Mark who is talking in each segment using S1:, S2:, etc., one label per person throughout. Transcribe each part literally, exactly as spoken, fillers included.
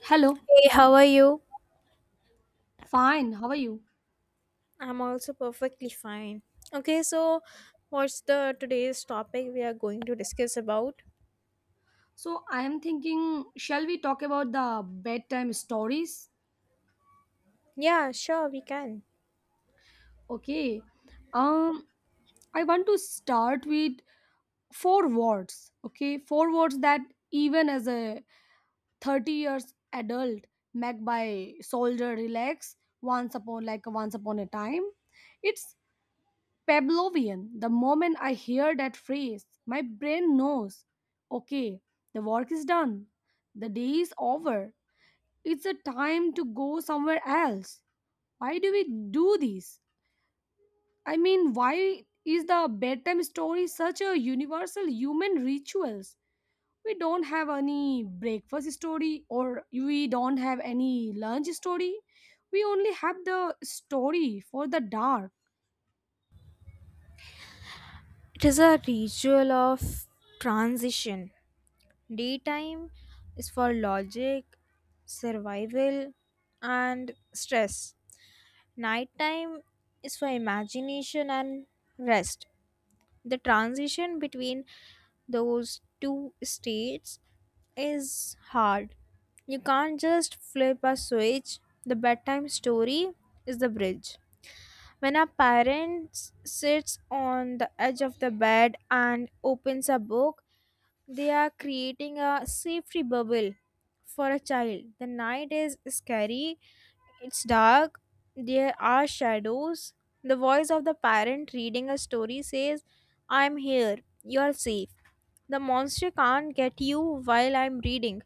S1: Hello,
S2: Hey, how are you?
S1: fine. How are you?
S2: I'm also perfectly fine. Okay, so what's the today's topic we are going to discuss about?
S1: So, I am thinking, shall we talk about the bedtime stories?
S2: Yeah, sure, we can.
S1: Okay. Um, I want to start with four words. Okay, four words that even as a thirty years adult, met by soldier relax once upon like once upon a time. It's Pavlovian. The moment I hear that phrase, my brain knows. Okay, the work is done. The day is over, it's a time to go somewhere else. Why do we do this? I mean, why is the bedtime story such a universal human rituals? We don't have any breakfast story or we don't have any lunch story. We only have the story for the dark.
S2: It is a ritual of transition. Daytime is for logic, survival, and stress. Nighttime is for imagination and rest. The transition between those two states is hard. You can't just flip a switch. The bedtime story is the bridge. When a parent sits on the edge of the bed and opens a book, they are creating a safety bubble for a child. The night is scary, it's dark, there are shadows. The voice of the parent reading a story says, "I'm here, you're safe. The monster can't get you while I'm reading."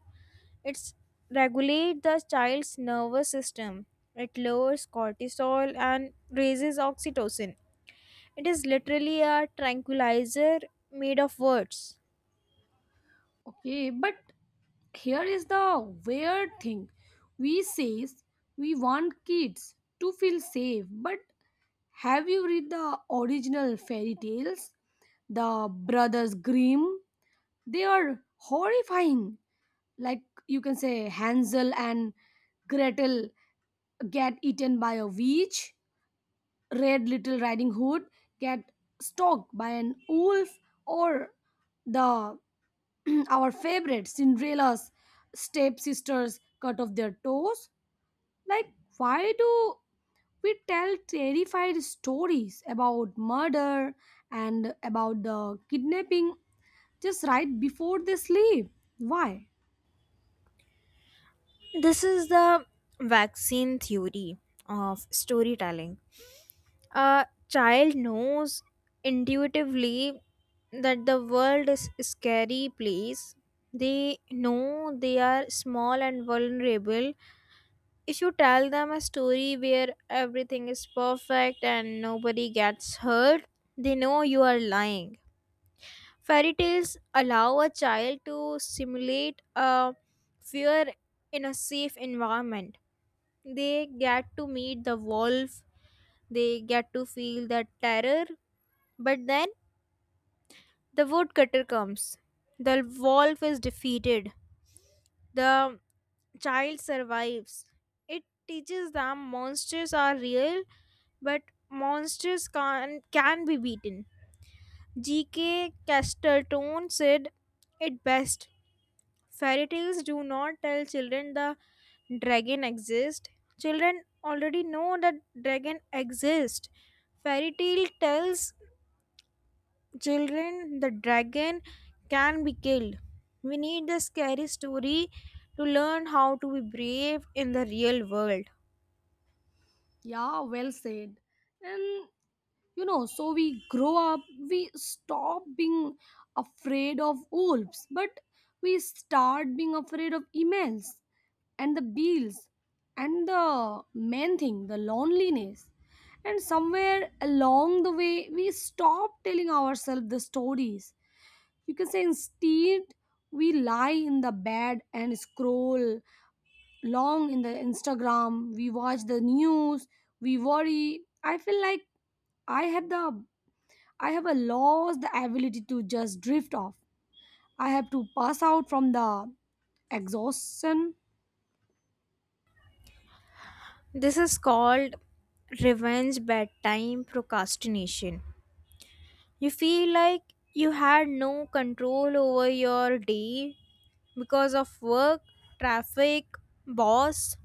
S2: It's regulate the child's nervous system. It lowers cortisol and raises oxytocin. It is literally a tranquilizer made of words.
S1: Okay, but here is the weird thing. We says we want kids to feel safe, but have you read the original fairy tales? The brothers grimm, they are horrifying, like you can say hansel and gretel get eaten by a witch, red little riding hood get stalked by an wolf, or the our favorite cinderella's stepsisters cut off their toes. Like why do we tell terrified stories about murder and about the kidnapping just right before they sleep. Why?
S2: This is the vaccine theory of storytelling. A child knows intuitively that the world is a scary place. They know they are small and vulnerable. If you tell them a story where everything is perfect and nobody gets hurt, they know you are lying. Fairy tales allow a child to simulate a fear in a safe environment. They get to meet the wolf, they get to feel the terror, but then the woodcutter comes. The wolf is defeated. The child survives. It teaches them monsters are real, but monsters can, can be beaten. G K. Chesterton said it best. Fairy tales do not tell children the dragon exists. Children already know that dragon exists. Fairy tale tells children the dragon can be killed. We need the scary story to learn how to be brave in the real world.
S1: Yeah, well said. And you know, so we grow up, we stop being afraid of wolves, but we start being afraid of emails and the bills and the main thing, the loneliness. And somewhere along the way, we stop telling ourselves the stories. You can say instead, we lie in the bed and scroll long in the Instagram, we watch the news, we worry. I feel like I have the I have a lost the ability to just drift off. I have to pass out from the exhaustion.
S2: This is called revenge bedtime procrastination. You feel like you had no control over your day because of work, traffic, boss.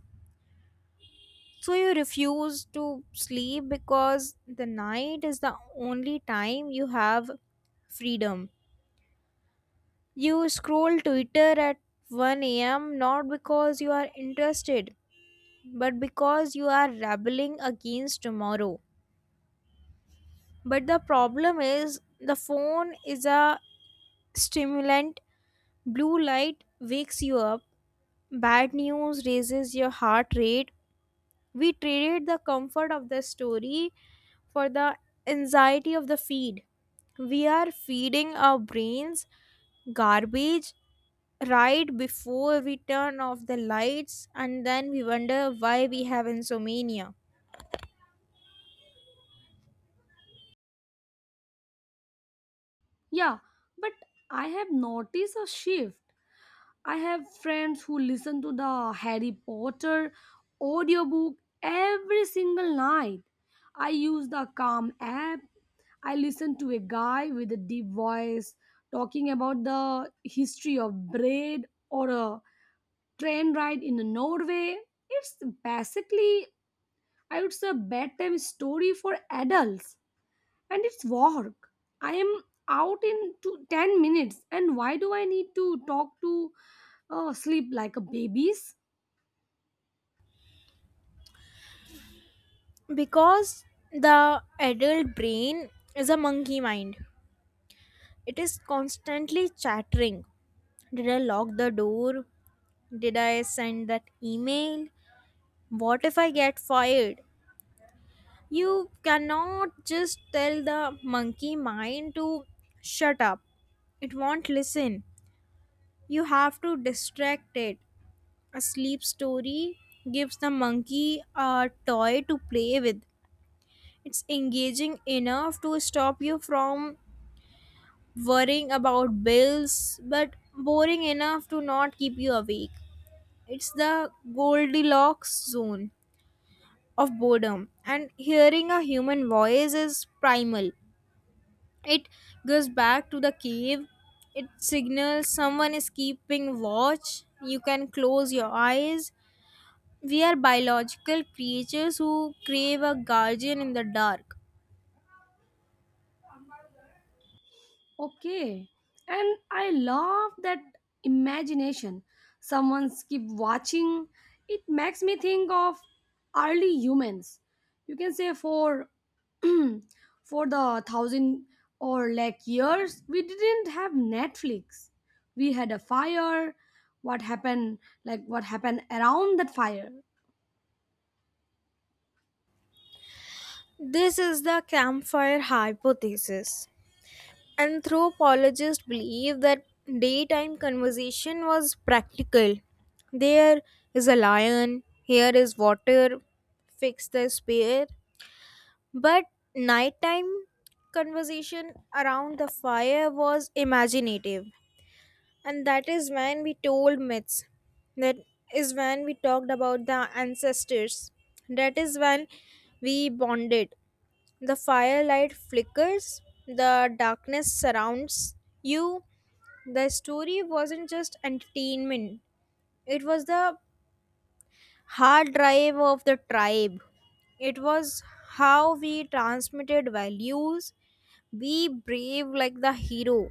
S2: So you refuse to sleep because the night is the only time you have freedom. You scroll Twitter at one a m not because you are interested, but because you are rebelling against tomorrow. But the problem is the phone is a stimulant. Blue light wakes you up. Bad news raises your heart rate. We traded the comfort of the story for the anxiety of the feed. We are feeding our brains garbage right before we turn off the lights, and then we wonder why we have insomnia.
S1: Yeah, but I have noticed a shift. I have friends who listen to the Harry Potter audiobook every single night. I use the Calm app. I listened to a guy with a deep voice talking about the history of bread or a train ride in Norway. It's basically, I would say, a bedtime story for adults, and it's work. I am out in two, ten minutes, and why do I need to talk to uh, sleep like a babies?
S2: Because the adult brain is a monkey mind. It is constantly chattering. Did I lock the door? Did I send that email? What if I get fired? You cannot just tell the monkey mind to shut up. It won't listen. You have to distract it. A sleep story gives the monkey a toy to play with. It's engaging enough to stop you from worrying about bills, but boring enough to not keep you awake. It's the Goldilocks zone of boredom, and hearing a human voice is primal. It goes back to the cave, it signals someone is keeping watch. You can close your eyes. We are biological creatures who crave a guardian in the dark.
S1: Okay. And I love that imagination. Someone keep watching. It makes me think of early humans. You can say for for the thousand or like years we didn't have Netflix. We had a fire. What happened, like what happened around that fire?
S2: This is the campfire hypothesis. Anthropologists believe that daytime conversation was practical. There is a lion, here is water, fix the spear. But nighttime conversation around the fire was imaginative. And that is when we told myths. That is when we talked about the ancestors. That is when we bonded. The firelight flickers, the darkness surrounds you. The story wasn't just entertainment, it was the hard drive of the tribe. It was how we transmitted values. Be brave like the hero,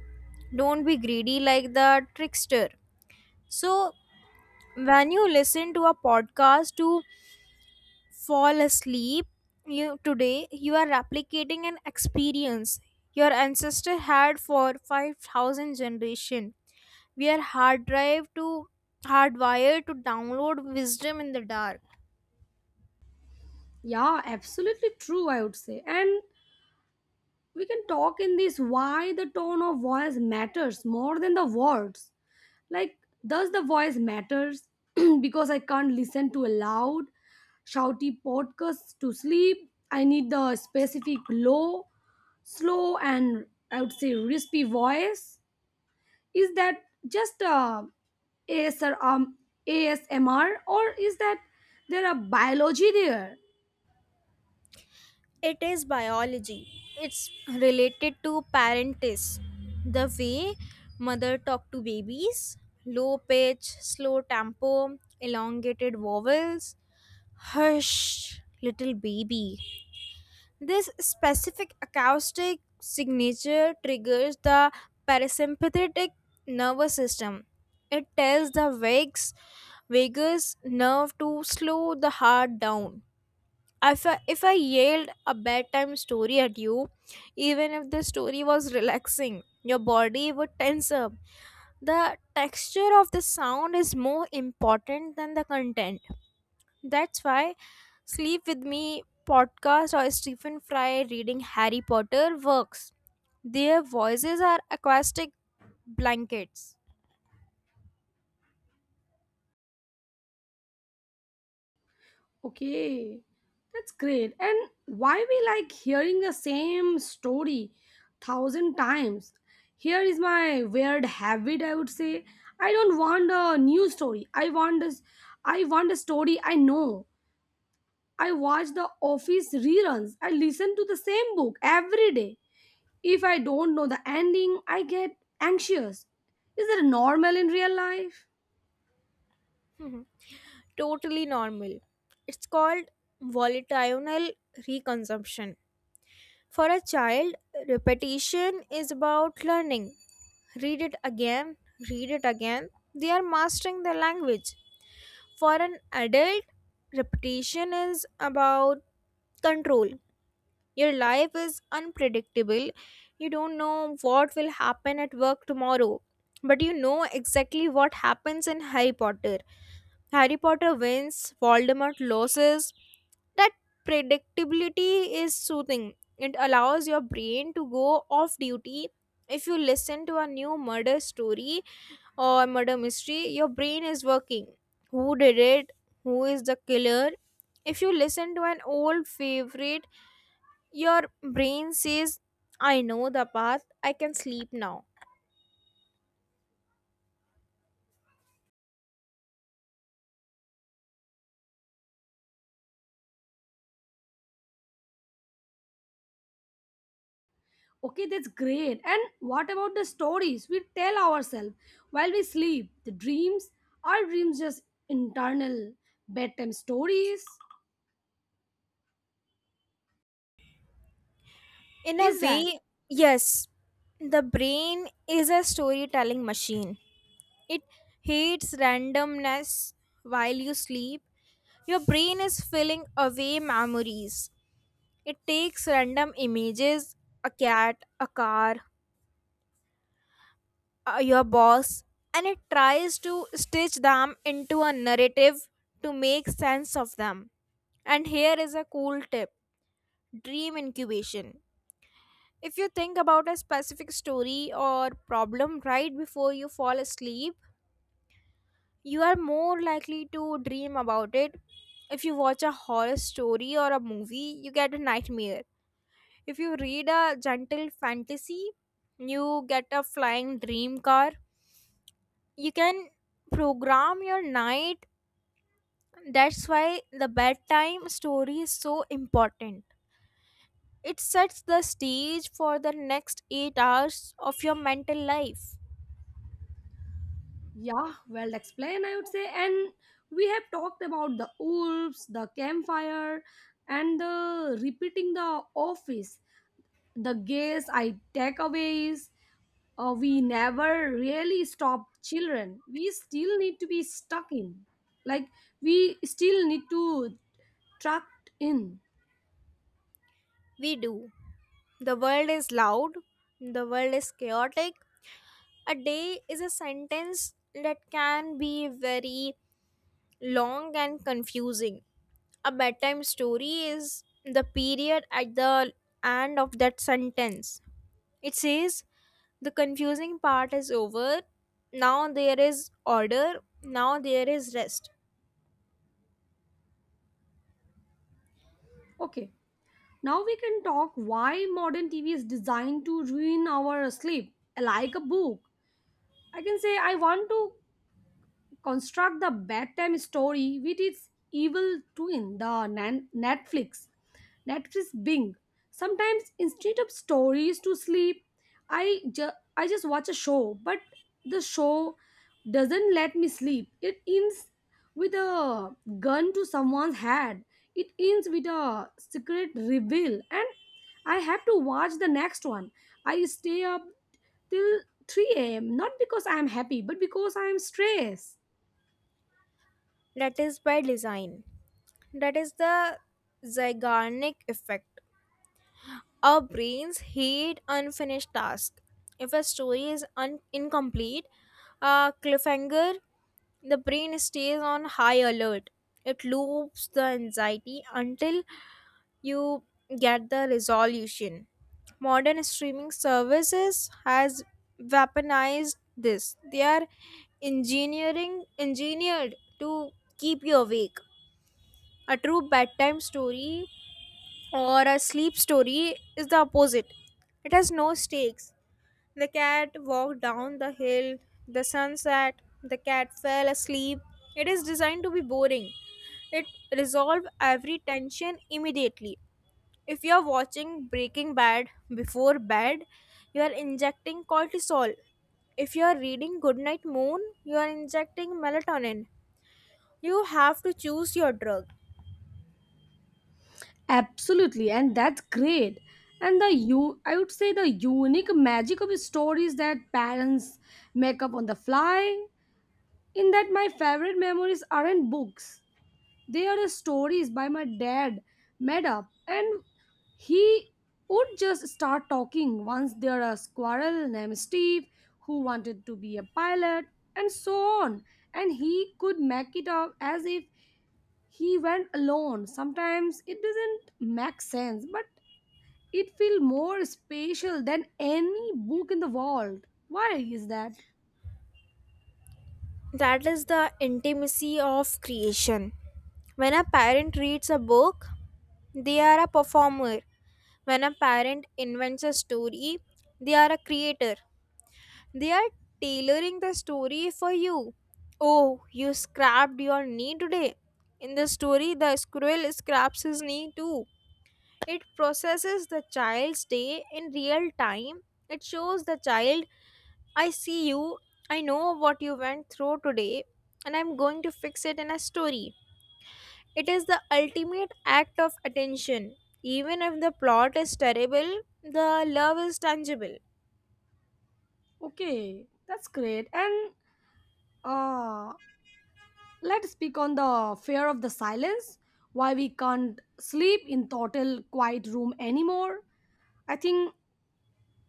S2: don't be greedy like the trickster. So, when you listen to a podcast to fall asleep, you today you are replicating an experience your ancestor had for five thousand generation. We are hard drive to hardwired to download wisdom in the dark.
S1: Yeah, absolutely true, I would say. And we can talk in this why the tone of voice matters more than the words, like does the voice matters because I can't listen to a loud shouty podcast to sleep. I need the specific low slow and I would say raspy voice. Is that just uh, a ASR, um, asmr, or is that there a biology there?
S2: It is biology. It's related to parentis, the way mother talk to babies. Low pitch, slow tempo, elongated vowels. Hush little baby. This specific acoustic signature triggers the parasympathetic nervous system. It tells the vagus, vagus nerve to slow the heart down. If I, if I yelled a bedtime story at you, even if the story was relaxing, your body would tense up. The texture of the sound is more important than the content. That's why Sleep With Me podcast or Stephen Fry reading Harry Potter works. Their voices are acoustic blankets.
S1: Okay, that's great. And why we like hearing the same story thousand times? Here is my weird habit. I would say I don't want a new story. I want this. I want a story I know. I watch the Office reruns. I listen to the same book every day. If I don't know the ending, I get anxious. Is that normal in real life?
S2: Mhm. Totally normal. It's called volitional reconsumption. For a child, repetition is about learning. Read it again, read it again. They are mastering the language. For an adult, repetition is about control. Your life is unpredictable. You don't know what will happen at work tomorrow, but you know exactly what happens in Harry Potter. Harry Potter wins, Voldemort loses. That predictability is soothing. It allows your brain to go off duty. If you listen to a new murder story or murder mystery, your brain is working. Who did it? Who is the killer? If you listen to an old favorite, your brain says, I know the path, I can sleep now.
S1: Okay, that's great. And what about the stories we tell ourselves while we sleep? The dreams? Are dreams just internal bedtime stories?
S2: In a
S1: Is that?
S2: way, yes, the brain is a storytelling machine. It hates randomness while you sleep. Your brain is filling away memories. It takes random images, a cat, a car, uh, your boss, and it tries to stitch them into a narrative to make sense of them. And here is a cool tip: dream incubation. If you think about a specific story or problem right before you fall asleep, you are more likely to dream about it. If you watch a horror story or a movie, you get a nightmare. If you read a gentle fantasy, you get a flying dream car. You can program your night. That's why the bedtime story is so important. It sets the stage for the next eight hours of your mental life.
S1: Yeah, well explained, I would say. And we have talked about the wolves, the campfire, and the repeating the office. The guess I takeaways. Uh, we never really stop children. We still need to be stuck in. Like, we still need to trapped in.
S2: We do. The world is loud, the world is chaotic. A day is a sentence that can be very long and confusing. A bedtime story is the period at the end of that sentence. It says the confusing part is over. Now there is order. Now there is rest.
S1: Okay, now we can talk why modern T V is designed to ruin our sleep, like a book. I can say I want to construct the bedtime story with its evil twin, the nan- Netflix. Netflix Bing. Sometimes instead of stories to sleep, I ju- I just watch a show, but the show doesn't let me sleep. It ends with a gun to someone's head. It ends with a secret reveal, and I have to watch the next one. I stay up till three a m not because I am happy, but because I am stressed.
S2: That is by design. That is the Zeigarnik effect. Our brains hate unfinished tasks. If a story is un- incomplete, a cliffhanger, the brain stays on high alert. It loops the anxiety until you get the resolution. Modern streaming services has weaponized this. They are engineering engineered to keep you awake. A true bedtime story or a sleep story is the opposite. It has no stakes. The cat walked down the hill, the sun set, the cat fell asleep. It is designed to be boring. It resolves every tension immediately. If you are watching Breaking Bad before bed, you are injecting cortisol. If you are reading Goodnight Moon, you are injecting melatonin. You have to choose your drug.
S1: Absolutely, and that's great. And the you, I would say, the unique magic of stories that parents make up on the fly. In that, my favorite memories aren't books; they are the stories by my dad made up, and he would just start talking. Once there a squirrel named Steve who wanted to be a pilot, and so on, and he could make it up as if he went alone. Sometimes it doesn't make sense, but it feels more spatial than any book in the world. Why is that?
S2: That is the intimacy of creation. When a parent reads a book, they are a performer. When a parent invents a story, they are a creator. They are tailoring the story for you. Oh, you scrapped your knee today. In the story, the squirrel scraps his knee too. It processes the child's day in real time. It shows the child, I see you. I know what you went through today, and I'm going to fix it in a story. It is the ultimate act of attention. Even if the plot is terrible, the love is tangible.
S1: Okay, that's great. And uh, let's speak on the fear of the silence. Why we can't sleep in total quiet room anymore. I think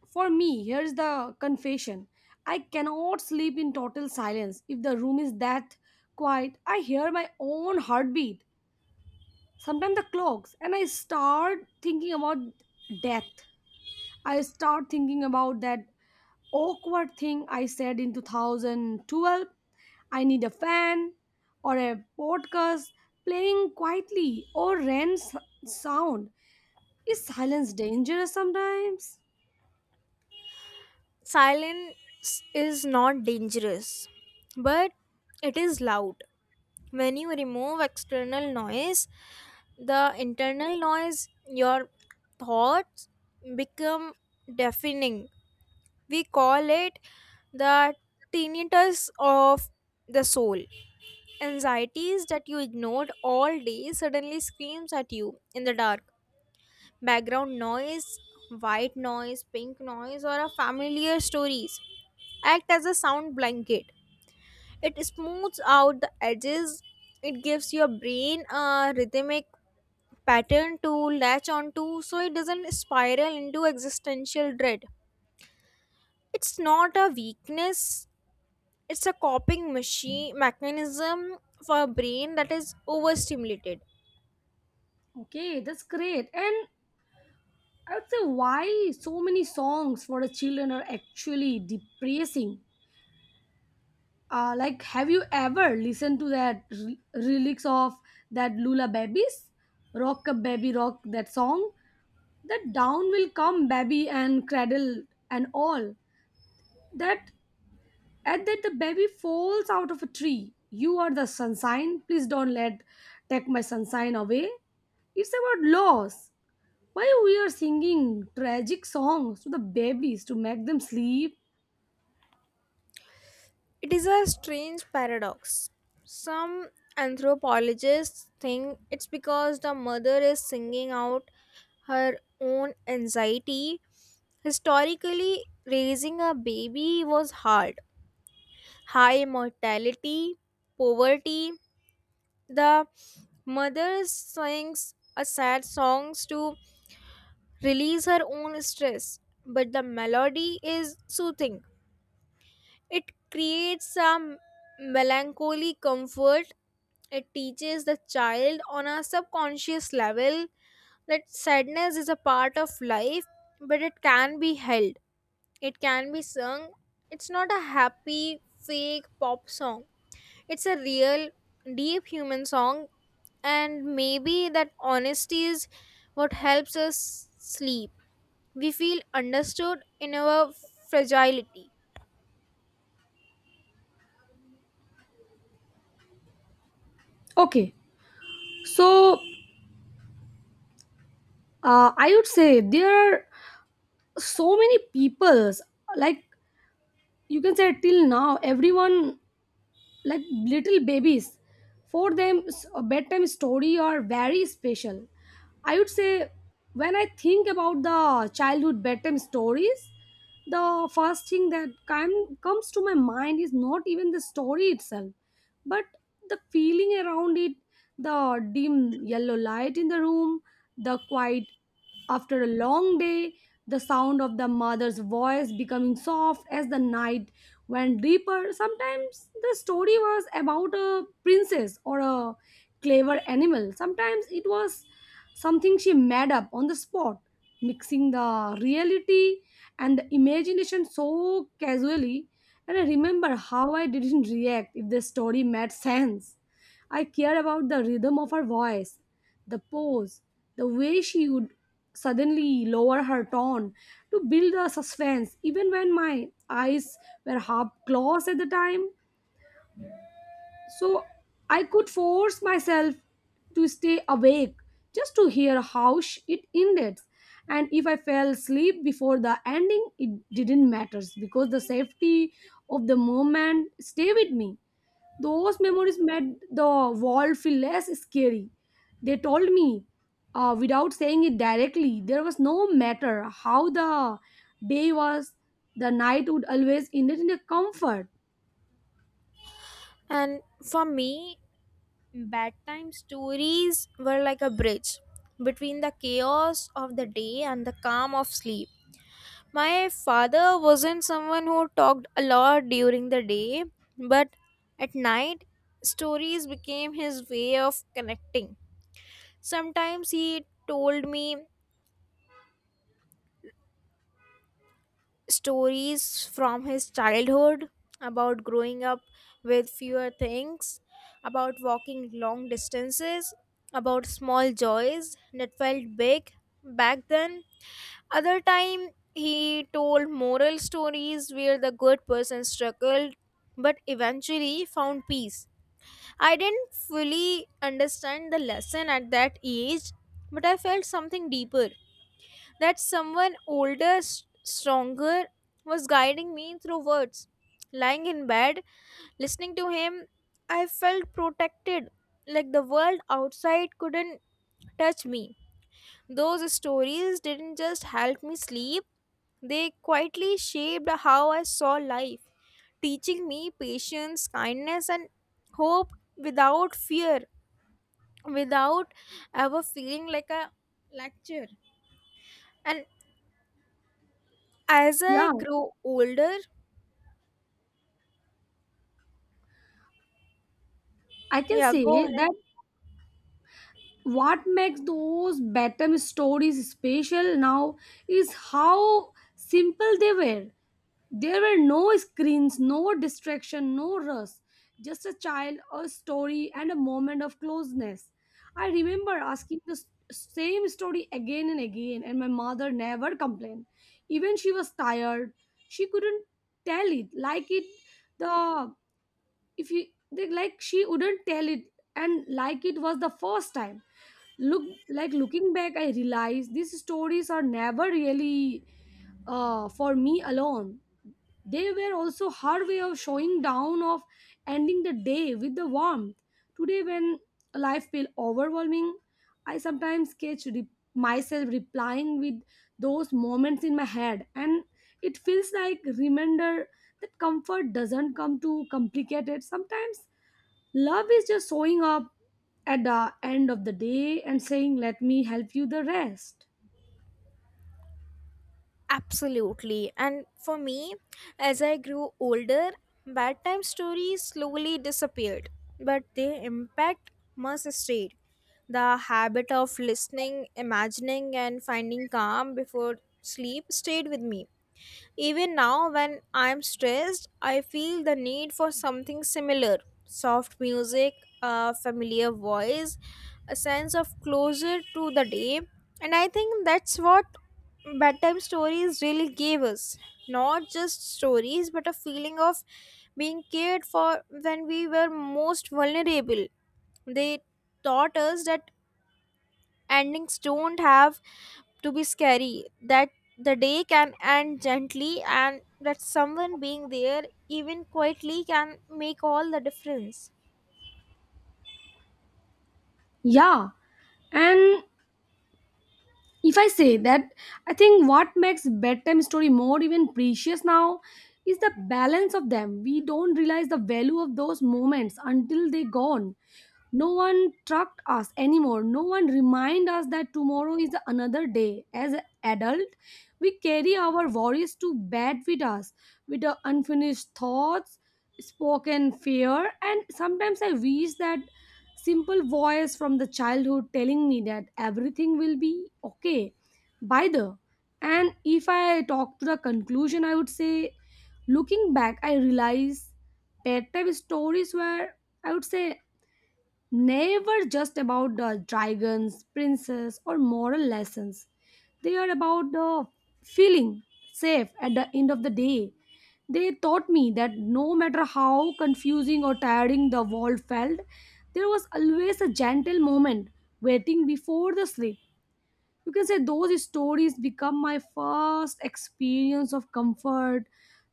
S1: for me, here's the confession. I cannot sleep in total silence. If the room is that quiet, I hear my own heartbeat, sometimes the clocks, and I start thinking about death. I start thinking about that awkward thing I said in two thousand twelve. I need a fan or a podcast playing quietly or rain s- sound. Is silence dangerous sometimes?
S2: Silence is not dangerous, but it is loud. When you remove external noise, the internal noise, your thoughts become deafening. We call it the tinnitus of the soul. Anxieties that you ignored all day suddenly screams at you in the dark. Background noise, white noise, pink noise, or a familiar stories act as a sound blanket. It smooths out the edges. It gives your brain a rhythmic pattern to latch onto so it doesn't spiral into existential dread. It's not a weakness, it's a coping machine mechanism for a brain that is overstimulated.
S1: Okay, that's great. And I would say why so many songs for the children are actually depressing. Uh, like, have you ever listened to that re- lyrics of that Lula Babies, Rock a Baby Rock, that song? That down will come baby and cradle and all that, at that the baby falls out of a tree. You are the sunshine, please don't let take my sunshine away. It's about loss. Why we are singing tragic songs to the babies to make them sleep?
S2: It is a strange paradox. Some anthropologists think it's because the mother is singing out her own anxiety. Historically, raising a baby was hard. High mortality, poverty. The mother sings a sad songs to release her own stress, but the melody is soothing. It creates some melancholy comfort. It teaches the child on a subconscious level that sadness is a part of life, but it can be held, it can be sung. It's not a happy, fake pop song, it's a real, deep human song, and maybe that honesty is what helps us sleep. We feel understood in our fragility.
S1: Okay, so uh, I would say there are so many peoples, like you can say till now everyone, like little babies, for them s- a bedtime story are very special. I would say, when I think about the childhood bedtime stories, the first thing that com- comes to my mind is not even the story itself, but the feeling around it, the dim yellow light in the room, the quiet after a long day, the sound of the mother's voice becoming soft as the night went deeper. Sometimes the story was about a princess or a clever animal. Sometimes it was something she made up on the spot, mixing the reality and the imagination so casually. And I remember how I didn't react if the story made sense. I care about the rhythm of her voice, the pose, the way she would suddenly lower her tone to build a suspense, even when my eyes were half closed at the time. So I could force myself to stay awake just to hear how sh- it ended. And if I fell asleep before the ending, it didn't matter because the safety of the moment stay with me. Those memories made the world feel less scary. They told me, uh, without saying it directly, there was no matter how the day was, the night would always end in a comfort.
S2: And for me, bedtime stories were like a bridge between the chaos of the day and the calm of sleep. My father wasn't someone who talked a lot during the day, but at night, stories became his way of connecting. Sometimes he told me stories from his childhood, about growing up with fewer things, about walking long distances, about small joys that felt big back then. Other time, he told moral stories where the good person struggled but eventually found peace. I didn't fully understand the lesson at that age, but I felt something deeper, that someone older, s- stronger, was guiding me through words. Lying in bed, listening to him, I felt protected, like the world outside couldn't touch me. Those stories didn't just help me sleep, they quietly shaped how I saw life, teaching me patience, kindness, and hope without fear, without ever feeling like a lecture. And as I
S1: Yeah,
S2: grow older,
S1: I can
S2: yeah, go
S1: say
S2: ahead.
S1: that what makes those bedtime stories special now is how simple they were. There were no screens, no distraction, no rush, just a child, a story, and a moment of closeness. I remember asking the s- same story again and again, and my mother never complained. Even she was tired, she couldn't tell it like it. The if you they- like, She wouldn't tell it, and like it was the first time. Look, like looking back, I realized these stories are never really uh, for me alone. They were also her way of showing down, of ending the day with the warmth. Today, when life feels overwhelming, I sometimes catch re- myself replying with those moments in my head, and it feels like reminder that comfort doesn't come too complicated. Sometimes love is just showing up at the end of the day and saying, "Let me help you the rest."
S2: Absolutely. And for me, as I grew older, bedtime stories slowly disappeared, but their impact must stayed. The habit of listening, imagining, and finding calm before sleep stayed with me. Even now, when I'm stressed, I feel the need for something similar: soft music, a familiar voice, a sense of closure to the day. And I think that's what bedtime stories really gave us, not just stories, but a feeling of being cared for when we were most vulnerable. They taught us that endings don't have to be scary, that the day can end gently, and that someone being there even quietly can make all the difference.
S1: Yeah, and if I say that, I think what makes bedtime story more even precious now is the balance of them. We don't realize the value of those moments until they gone. No one trucked us anymore, no one remind us that tomorrow is another day. As an adult, we carry our worries to bed with us, with the unfinished thoughts, spoken fear, and sometimes I wish that simple voice from the childhood telling me that everything will be okay by the. And if I talk to the conclusion, I would say, looking back I realize bedtime stories were, I would say, never just about the dragons, princes, or moral lessons. They are about the feeling safe at the end of the day. They taught me that no matter how confusing or tiring the world felt, there was always a gentle moment waiting before the sleep. You can say those stories become my first experience of comfort,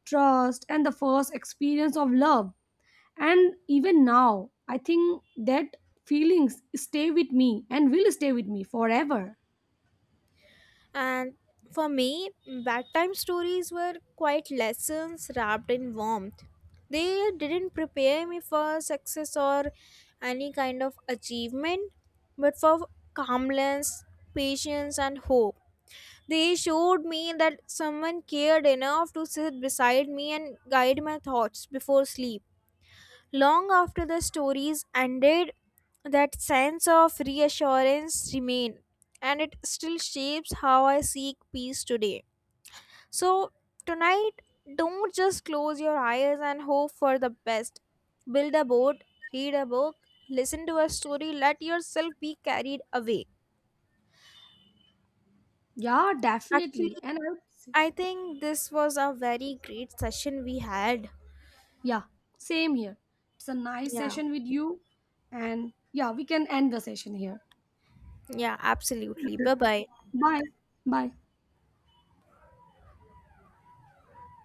S1: trust, and the first experience of love. And even now I think that feelings stay with me and will stay with me forever.
S2: And for me, bedtime stories were quite lessons wrapped in warmth. They didn't prepare me for success or any kind of achievement, but for calmness, patience, and hope. They showed me that someone cared enough to sit beside me and guide my thoughts before sleep. Long after the stories ended, that sense of reassurance remained, and it still shapes how I seek peace today. So, tonight, don't just close your eyes and hope for the best. Build a boat, read a book, listen to a story, let yourself be carried away.
S1: Yeah,
S2: Actually,
S1: definitely, and I would say,
S2: I think this was a very great session we had.
S1: yeah, same here, it's a nice
S2: Yeah.
S1: session with you, and yeah we can end the session here.
S2: Yeah, absolutely.
S1: Okay.
S2: Bye bye.
S1: Bye bye.